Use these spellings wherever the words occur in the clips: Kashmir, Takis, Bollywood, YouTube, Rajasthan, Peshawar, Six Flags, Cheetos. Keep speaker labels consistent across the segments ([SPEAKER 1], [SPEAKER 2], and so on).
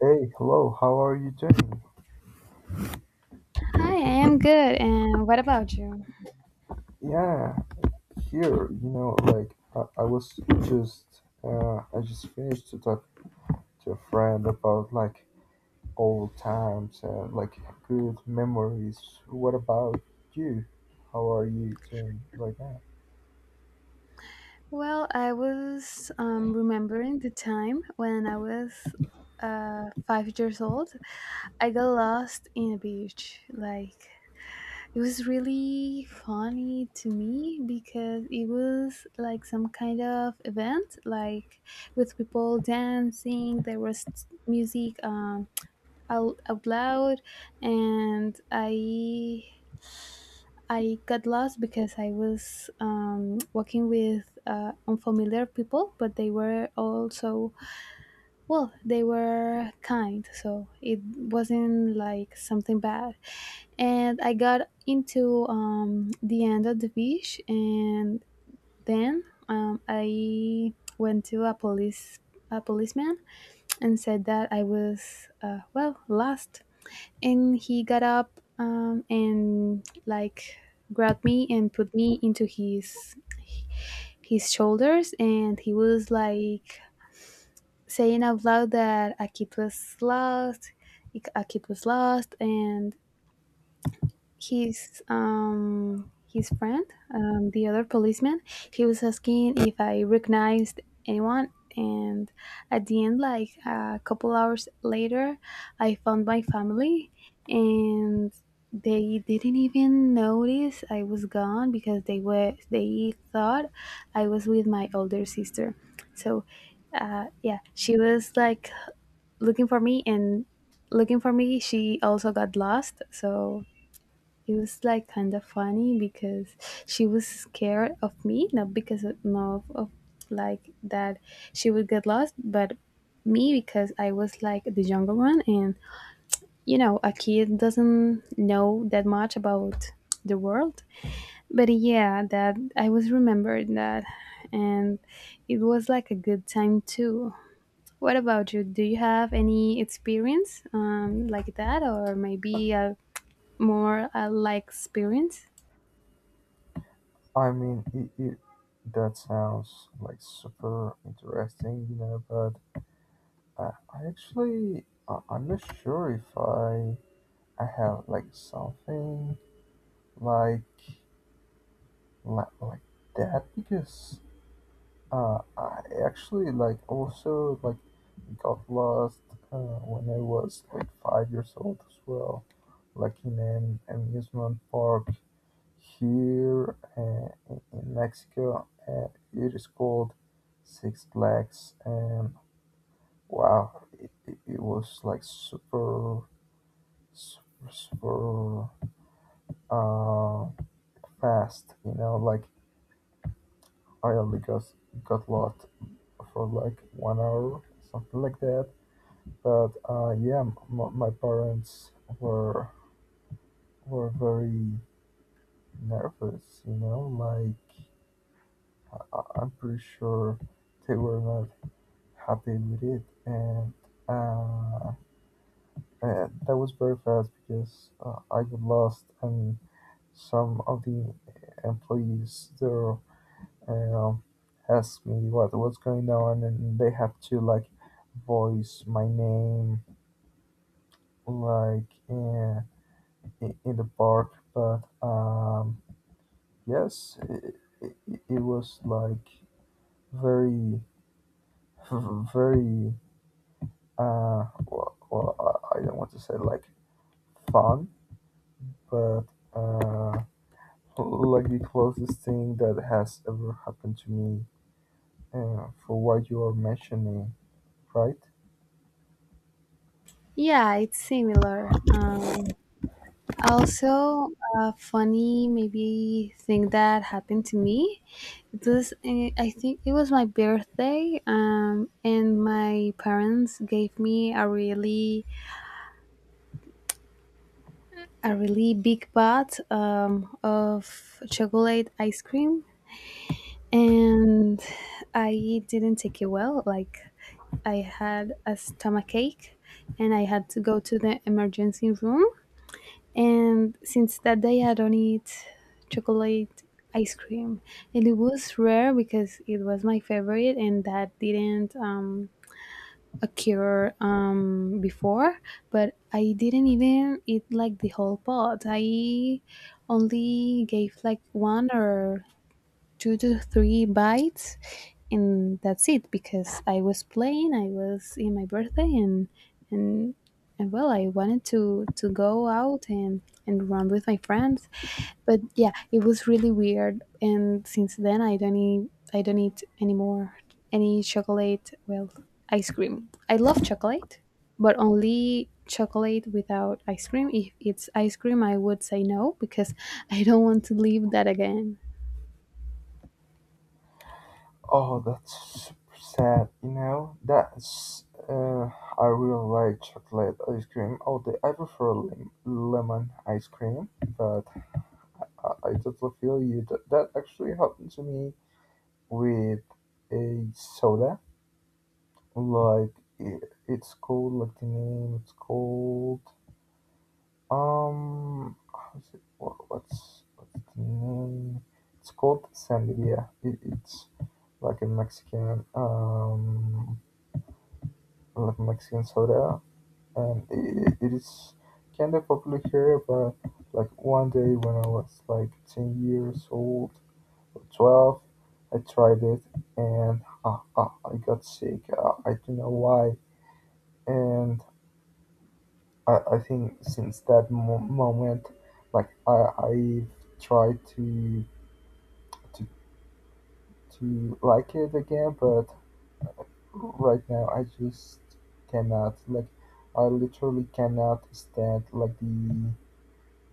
[SPEAKER 1] Hey, hello, how are you doing?
[SPEAKER 2] Hi, I am good. And what about you?
[SPEAKER 1] Yeah, Here, like I was just I just finished to talk to a friend about like old times and like good memories. What about you? How are you doing like that?
[SPEAKER 2] Well, I was remembering the time when I was 5 years old. I got lost in a beach. Like, it was really funny to me because it was like some kind of event, like with people dancing, there was music out loud, and I got lost because I was working with unfamiliar people, but they were also, well, they were kind. So it wasn't like something bad. And I got into the end of the beach, and then I went to a policeman and said that I was well, lost, and he got up and like grabbed me and put me into his shoulders, and he was like saying out loud that a kid was lost, and his friend, the other policeman, he was asking if I recognized anyone, and at the end, like a couple hours later, I found my family, and they didn't even notice I was gone because they thought I was with my older sister. So, yeah, she was like looking for me and looking for me. She also got lost, so it was like kind of funny because she was scared of me, not because of, no, of like that she would get lost, but me because I was like the younger one, and a kid doesn't know that much about the world. But yeah, that I was remembered that. And it was like a good time too. What about you? Do you have any experience like that, or maybe a more like experience?
[SPEAKER 1] I mean, it that sounds like super interesting, but I'm not sure if I have like something like like that because I actually like also like got lost uh, when I was like 5 years old as well, like in an amusement park here in Mexico. It is called Six Flags, and wow, it was like super uh, fast. You know, like I only got lost for like 1 hour, something like that. But my parents were were very nervous. You know, like I- I'm pretty sure they were not happy with it, uh, and that was very fast because I got lost, and some of the employees there. Um, Asked me what's going on and they have to like voice my name like in the park but yes it, it was like very very well I don't want to say like fun but uh like the closest thing that has ever happened to me for what you are mentioning, right?
[SPEAKER 2] Yeah, it's similar. Also, a funny maybe thing that happened to me. It was I think it was my birthday, and my parents gave me a really big pot of chocolate ice cream, and I didn't take it well. Like, I had a stomachache, and I had to go to the emergency room. And since that day, I don't eat chocolate ice cream. And it was rare because it was my favorite, and that didn't occur before. But I didn't even eat like the whole pot. I only gave like one or two to three bites, and that's it because I was in my birthday, and and well, I wanted to go out and run with my friends. But yeah, it was really weird, and since then I don't eat anymore any chocolate, well, ice cream. I love chocolate, but only chocolate without ice cream. If it's ice cream, I would say no because I don't want to live that again.
[SPEAKER 1] Oh, that's super sad. You know, that's I really like chocolate ice cream. Although I prefer lemon ice cream, but I totally feel you. That actually happened to me with a soda. Like it's called like the name. It's called um. How's it? What's the name? It's called sangria. It's like a Mexican like Mexican soda, and it is kind of popular here. But like one day when I was like 10 years old or 12, I tried it and I got sick. I don't know why, and I think since that moment, like I've tried to to like it again, but right now I just cannot like. I literally cannot stand like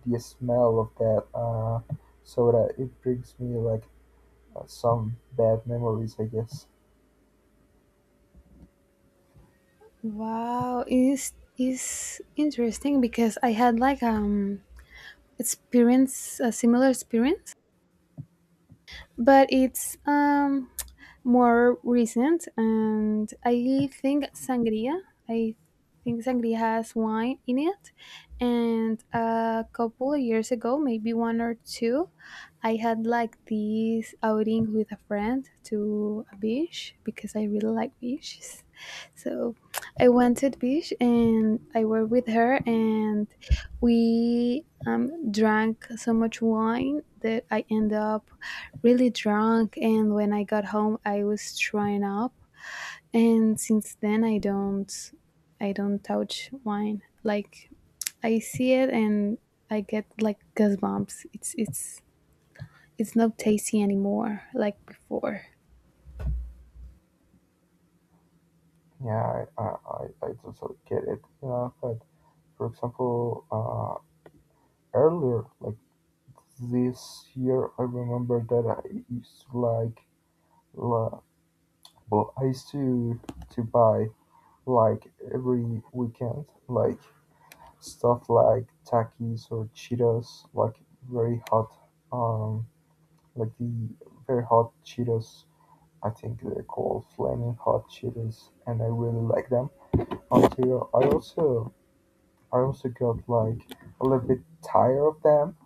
[SPEAKER 1] the smell of that soda, it brings me like some bad memories, I guess.
[SPEAKER 2] Wow, is interesting because I had like experience a similar experience, but it's more recent, and I think sangria. I think sangria has wine in it, and a couple of years ago, maybe one or two, I had like this outing with a friend to a beach because I really like beaches. So I went to the beach, and I were with her, and we drank so much wine that I end up really drunk. And when I got home, I was throwing up, and since then I don't touch wine. Like, I see it and I get like gas bumps. It's not tasty anymore like before.
[SPEAKER 1] Yeah, I totally get it. You but for example, earlier, like this year, I remember that I used to la- I used to buy like every weekend, like stuff like Takis or Cheetos, like very hot, um, like the very hot Cheetos. I think they're called flaming Hot Cheetos and I really like them until I also got like a little bit tired of them.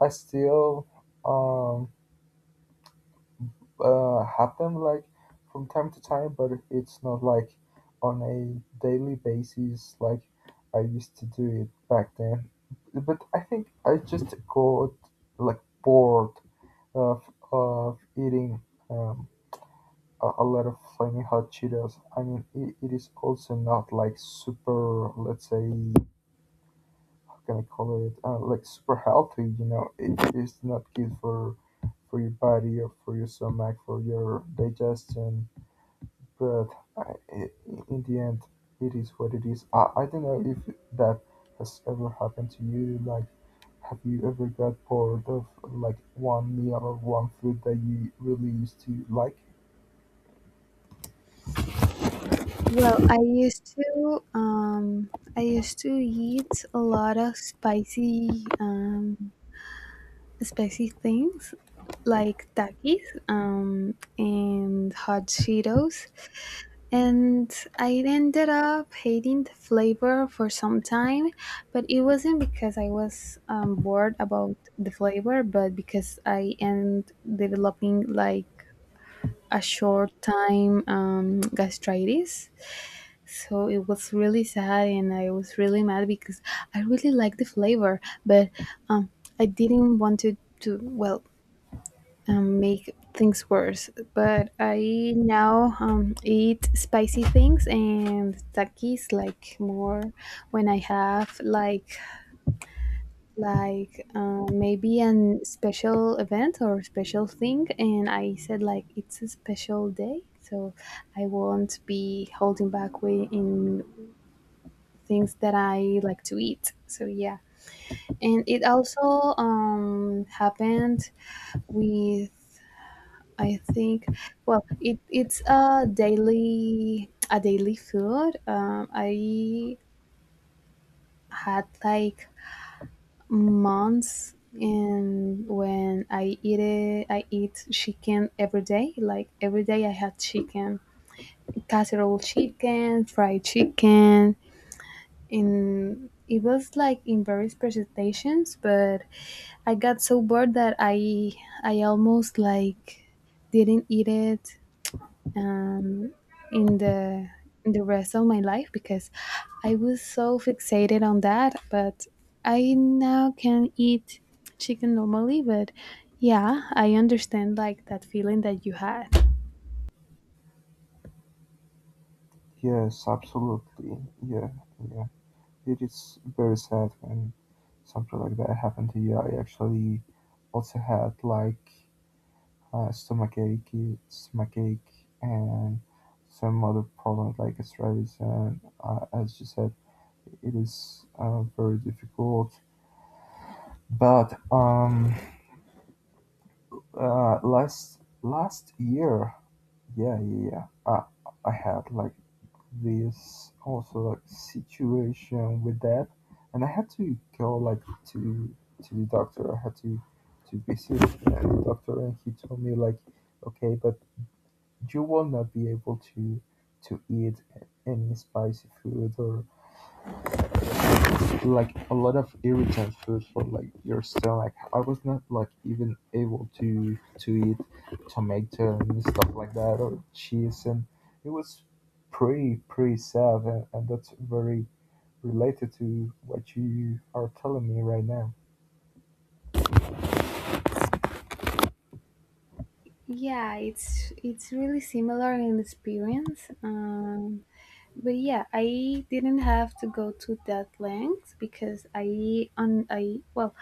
[SPEAKER 1] I still um have them like from time to time, but it's not like on a daily basis like I used to do it back then. But I think I just got like bored of eating uh, a lot of flaming hot Cheetos. I mean, it is also not like super, let's say, how can I call it? Like super healthy, you know. It is not good for your body or for your stomach, for your digestion. But I in the end, it is what it is. I don't know if that has ever happened to you. Like, have you ever got bored of like one meal or one food that you really used to like?
[SPEAKER 2] Well, I used to eat a lot of spicy things, like takis and hot Cheetos, and I ended up hating the flavor for some time, but it wasn't because I was bored about the flavor, but because I end developing like a short time gastritis. So it was really sad, and I was really mad because I really liked the flavor, but um, I didn't want to well, make things worse. But I now eat spicy things and takis like more when I have like maybe an special event or special thing, and I said like it's a special day, so I won't be holding back in things that I like to eat. So yeah, and it also happened with, I think, well, it's a daily food. I had like months, and when I eat it, I eat chicken every day. Like every day I had chicken, casserole chicken, fried chicken, in it was like in various presentations. But I got so bored that I almost like didn't eat it um in the in the rest of my life because I was so fixated on that. But I now can eat chicken normally. But yeah, I understand like that feeling that you had.
[SPEAKER 1] Yes, absolutely. Yeah, yeah. It is very sad when something like that happened to you. I actually also had like uh, stomachache, stomachache, and some other problems like gastritis. And as you said, it is very difficult. But last year, yeah, yeah, yeah, I I had like this also like situation with that, and I had to go like to the doctor. I had to visit the doctor and he told me like okay, but you will not be able to eat any spicy food or like a lot of irritant food for like your stomach. I was not like even able to eat tomato and stuff like that or cheese, and it was pretty sad, and that's very related to what you are telling me right now.
[SPEAKER 2] Yeah, it's really similar in experience. But yeah, I didn't have to go to that length because I, well,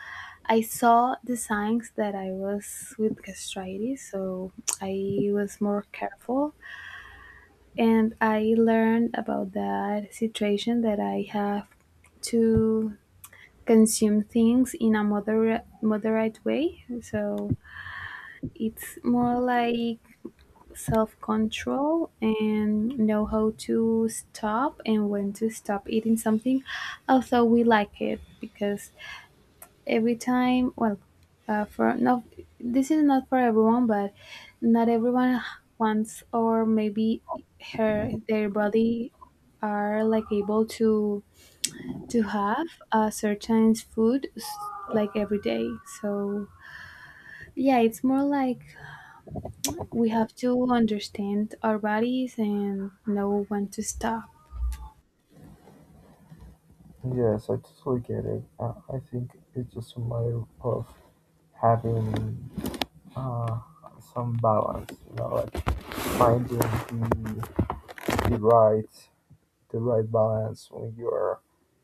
[SPEAKER 2] I saw the signs that I was with gastritis, so I was more careful, and I learned about that situation that I have to consume things in a moderate way. So it's more like self-control and know how to stop and when to stop eating something, although we like it. Because every time, well, for not this is not for everyone. But not everyone wants, or maybe her their body are like able to have a certain food like every day. So yeah, it's more like we have to understand our bodies and know when to stop.
[SPEAKER 1] Yes, I totally get it. I think it's just a matter of having uh, some balance, you know, like finding the right the right balance when you're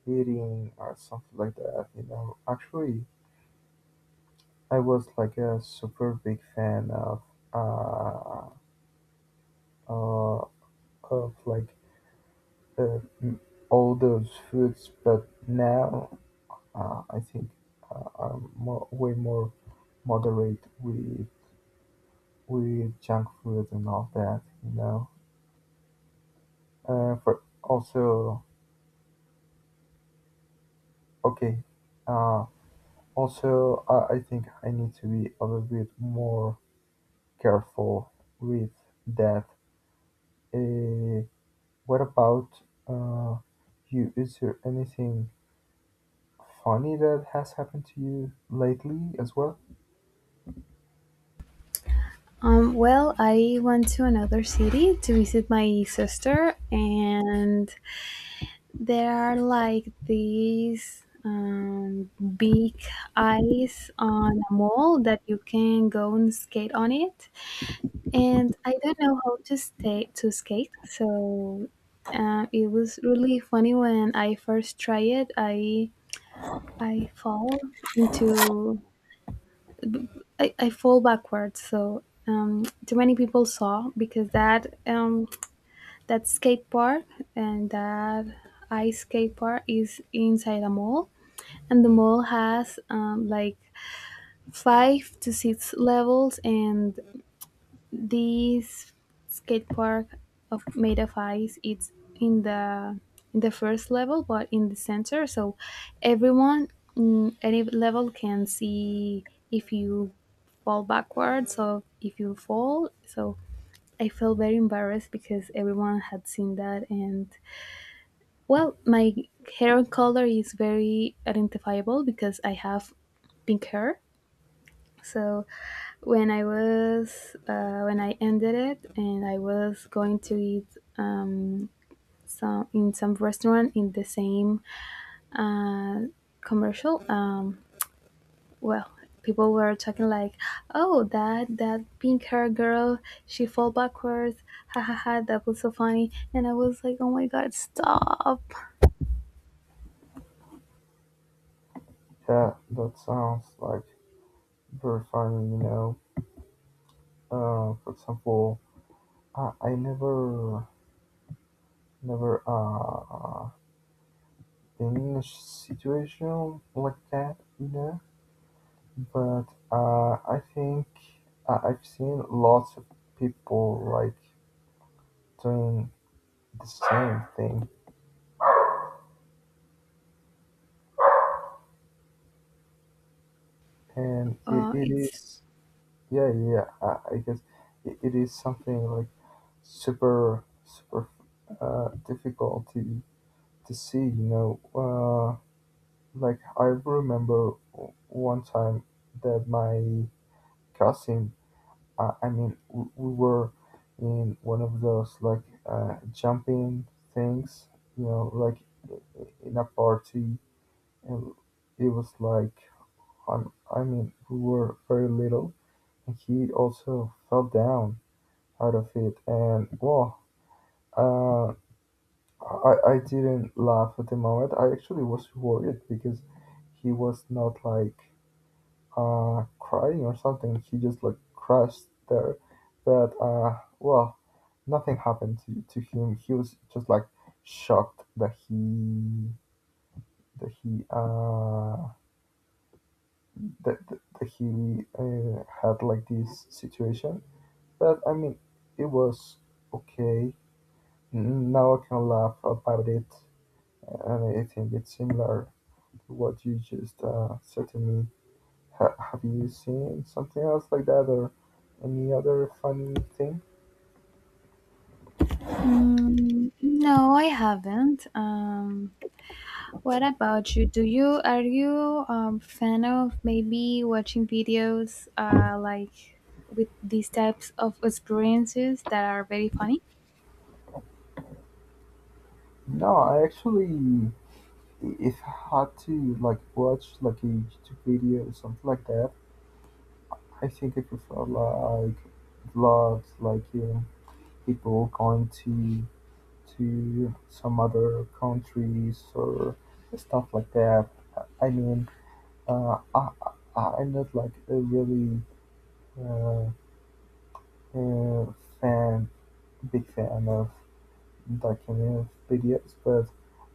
[SPEAKER 1] eating or something like that, you know. Actually, I was like a super big fan uh, uh of like uh, m- all those foods, but now I think I'm more, way more moderate with junk food and all that, you know. Uh, for also okay, uh, also I think I need to be a little bit more careful with that. eh, what about uh you? Is there anything funny that has happened to you lately as well?
[SPEAKER 2] Well, I went to another city to visit my sister, and there are like these big ice on a mall that you can go and skate on it. And I don't know how to stay to skate, so it was really funny when I first tried it. I fall into I fall backwards. So too many people saw because that skate park and that ice skate park is inside a mall, and the mall has like five to six levels, and this skate park of made of ice it's in the in the first level, but in the center. So everyone, any level can see if you fall backwards or if you fall. So I felt very embarrassed because everyone had seen that. And well, my hair color is very identifiable because I have pink hair. So when I ended it and I was going to eat um, some restaurant in the same uh, commercial, well, people were talking like, "Oh, that pink hair girl, she fall backwards, ha ha ha, that was so funny," and I was like, "Oh my god, stop!"
[SPEAKER 1] Yeah, that sounds like very funny, you know. For example, I never, never been in a situation like that, you know. But I think I- I've seen lots of people like doing the same thing and
[SPEAKER 2] Uh,
[SPEAKER 1] it
[SPEAKER 2] it's
[SPEAKER 1] is yeah I guess it is something like super difficult to see, you know. Like I remember one time that my cousin I mean we were in one of those like jumping things, you know, like in a party. And it was like, I mean, we were very little, and he also fell down out of it. And well, uh, I didn't laugh at the moment. I actually was worried because he was not like crying or something. He just like crashed there, but well, nothing happened to him. He was just like shocked that he that he, had like this situation. But I mean, it was okay. Now I can laugh about it, and I think it's similar to what you just said to me. Have you seen something else like that, or any other funny thing?
[SPEAKER 2] no, I haven't. What about you? Do you Are you fan of maybe watching videos like with these types of experiences that are very funny?
[SPEAKER 1] No, I actually, if I had to like watch like a YouTube video or something like that, I think I prefer like vlogs, like you know, people going to some other countries or stuff like that. I mean, uh, I, I, I'm not like a really uh, uh, fan, big fan of that kind of videos, but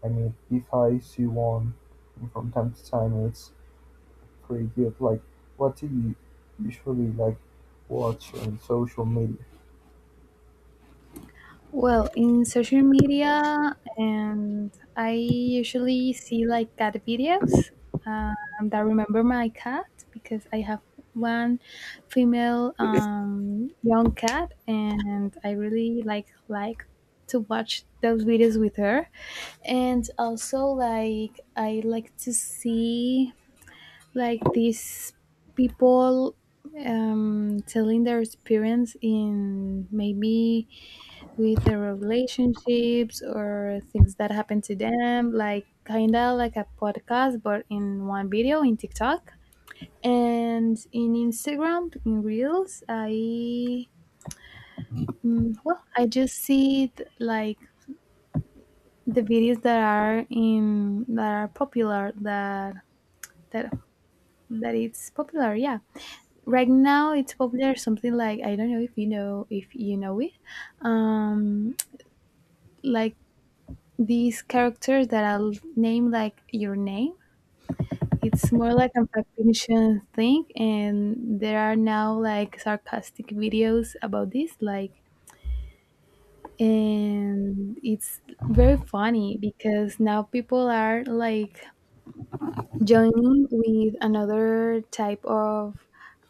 [SPEAKER 1] I mean, if I see one from time to time, it's pretty good. Like, what do you usually like watch on social media?
[SPEAKER 2] Well, in social media, and I usually see like cat videos um, that remember my cat because I have one female young cat, and I really like to watch those videos with her. And also, like, I like to see, like, these people telling their experience in, maybe, with their relationships or things that happen to them, like kind of like a podcast but in one video in tiktok. And in Instagram in reels, well, I just see it like the videos that are popular, that that it's popular, yeah. Right now, it's popular something like, I don't know if you know it, um like these characters that I'll name like your name. It's more like a fiction thing, and there are now like sarcastic videos about this, like. And it's very funny because now people are like joining with another type of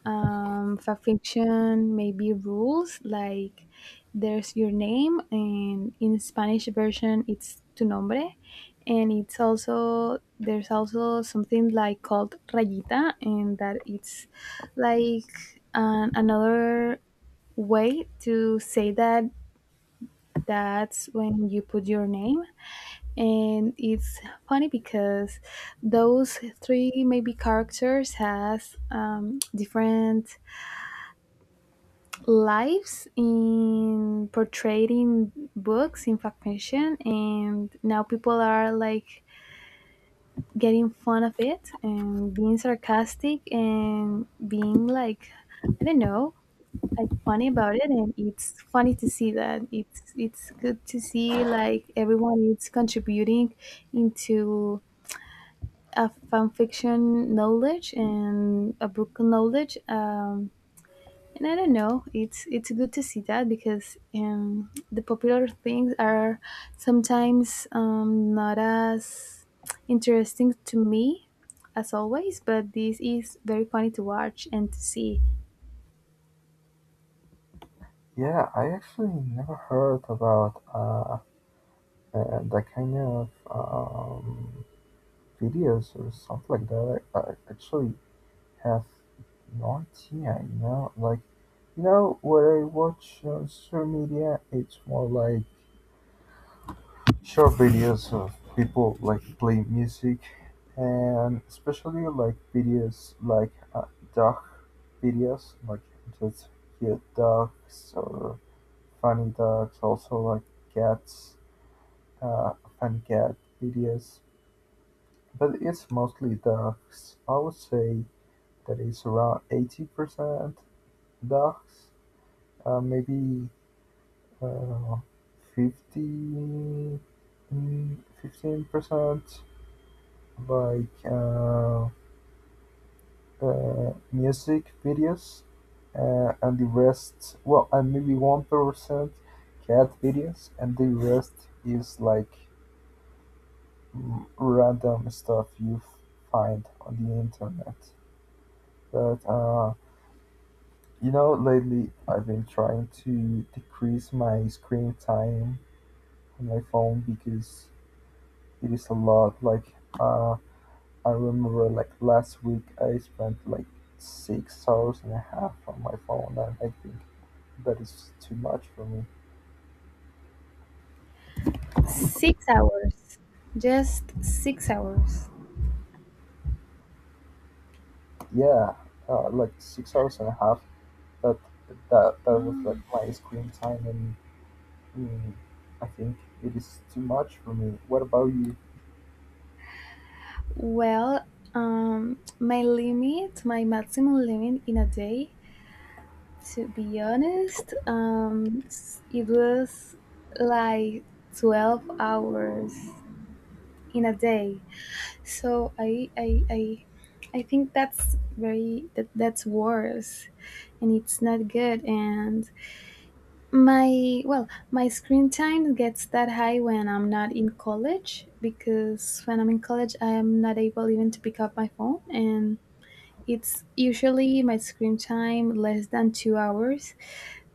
[SPEAKER 2] fanfiction, maybe rules, like there's your name, and in Spanish version it's tu nombre, and it's also there's also something like called rayita, and that it's like another way to say that. That's when you put your name, and it's funny because those three maybe characters has different lives in portrayed in books in fact fiction, and now people are like getting fun of it and being sarcastic and being like, I don't know, like, funny about it. And it's funny to see that. It's good to see like everyone is contributing into a fanfiction knowledge and a book knowledge. And I don't know, it's good to see that because the popular things are sometimes not as interesting to me as always, but this is very funny to watch and to see.
[SPEAKER 1] Yeah, I actually never heard about the kind of videos or stuff like that. I actually have no idea, you know? Like, you know, what I watch on social media, it's more like short videos of people like play music and especially like videos like dog videos, like just cute dogs or funny dogs, also like cats, uh, funny cat videos. But it's mostly dogs. I would say that is around 80% ducks, uh, maybe uh, mm, 15% like music videos, and the rest, well, and maybe 1% cat videos, and the rest is like random stuff you find on the internet. But you know, lately I've been trying to decrease my screen time on my phone because it is a lot. Like, I remember like last week I spent like 6 hours and a half on my phone, and I think that is too much for me.
[SPEAKER 2] 6 hours, just 6 hours.
[SPEAKER 1] Yeah, like 6 hours and a half. That that was like my screen time, and mm, I think it is too much for me. What about you?
[SPEAKER 2] Well, my limit, my maximum limit in a day, to be honest, it was like 12 hours in a day. So I think that's very, that's worse, and it's not good. And well, my screen time gets that high when I'm not in college, because when I'm in college, I am not able even to pick up my phone, and it's usually my screen time less than 2 hours.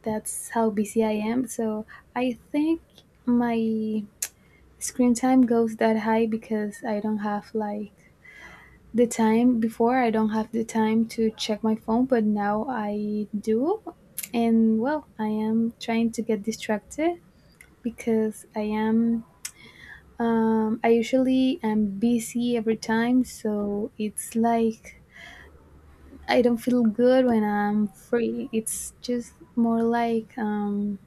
[SPEAKER 2] That's how busy I am. So I think my screen time goes that high because I don't have like the time before I don't have the time to check my phone, but now I do. And well, I am trying to get distracted because I usually am busy every time, so it's like I don't feel good when I'm free. It's just more like um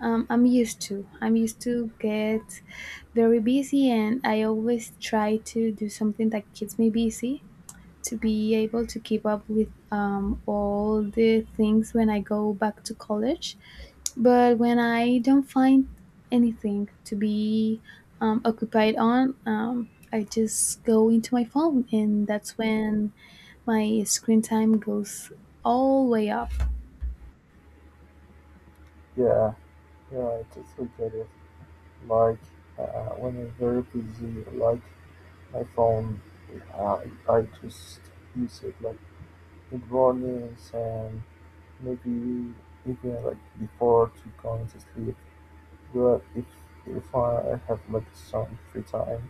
[SPEAKER 2] Um, I'm used to. I'm used to get very busy, and I always try to do something that keeps me busy to be able to keep up with all the things when I go back to college. But when I don't find anything to be occupied on, I just go into my phone, and that's when my screen time goes all way up.
[SPEAKER 1] Yeah, yeah, I totally get it. Like, when I'm very busy, like my phone, I just use it like in the mornings and maybe even like before to going to sleep. But if I have like some free time,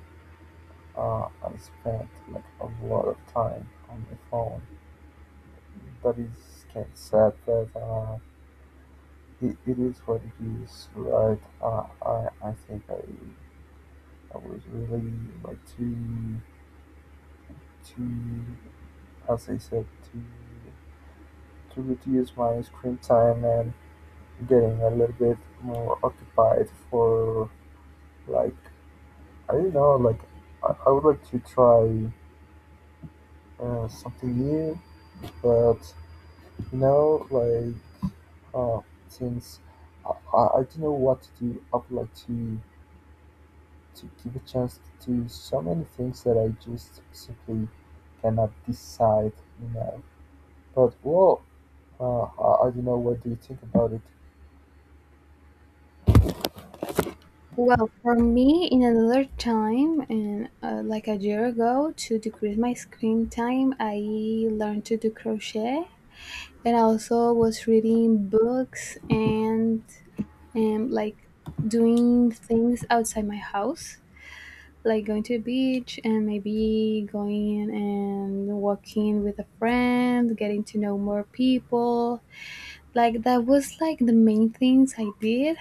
[SPEAKER 1] I spend like a lot of time on my phone. That is kind of sad, but it is what it is, right? I think I would really like to, as I said, to reduce my screen time and getting a little bit more occupied for like I don't know, like I would like to try something new. But you know, like uh, since I, I don't know what to do, I would like to give a chance to so many things that I just simply cannot decide, you know. But well, I don't know, what do you think about it?
[SPEAKER 2] Well, for me, in another time, and like a year ago, to decrease my screen time, I learned to do crochet, and I also was reading books and like doing things outside my house, like going to the beach and maybe going in and walking with a friend, getting to know more people. Like that was like the main things I did,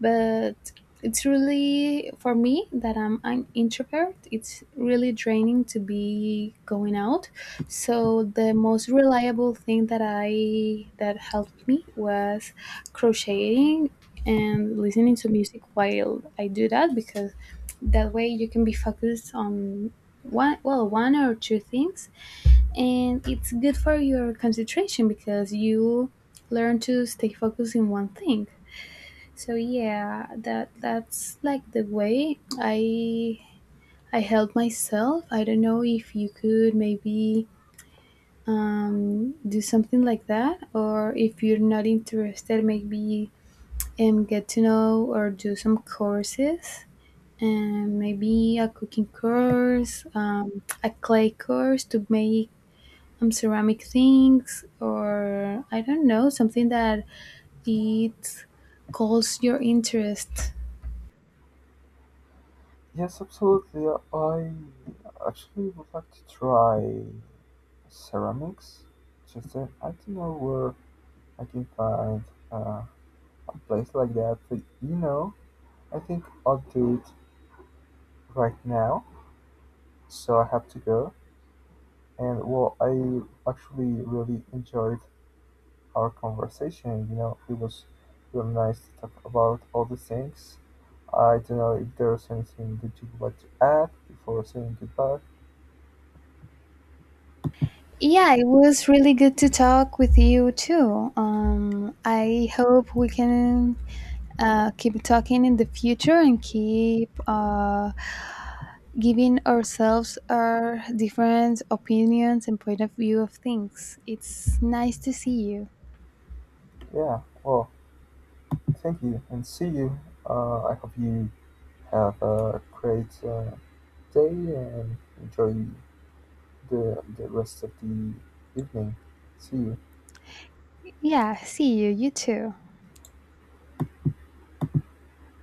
[SPEAKER 2] but it's really for me that I'm an introvert. It's really draining to be going out. So the most reliable thing that helped me was crocheting and listening to music while I do that, because that way you can be focused on one or two things, and it's good for your concentration because you learn to stay focused in one thing. So yeah, that's like the way I help myself. I don't know if you could maybe do something like that, or if you're not interested maybe get to know or do some courses, and maybe a cooking course, a clay course to make ceramic things, or I don't know, something that it calls your interest.
[SPEAKER 1] Yes, absolutely. I actually would like to try ceramics. Just I don't know where I can find uh, a place like that. But you know, I think I'll do it right now. So I have to go. And well, I actually really enjoyed our conversation. You know, it was real nice to talk about all the things. I don't know if there's anything that you'd like to add before saying goodbye.
[SPEAKER 2] Yeah, it was really good to talk with you too. I hope we can keep talking in the future, and keep giving ourselves our different opinions and point of view of things. It's nice to see you.
[SPEAKER 1] Yeah, well, thank you, and see you. I hope you have a great day and enjoy the rest of the evening. See you.
[SPEAKER 2] Yeah, see you. You too.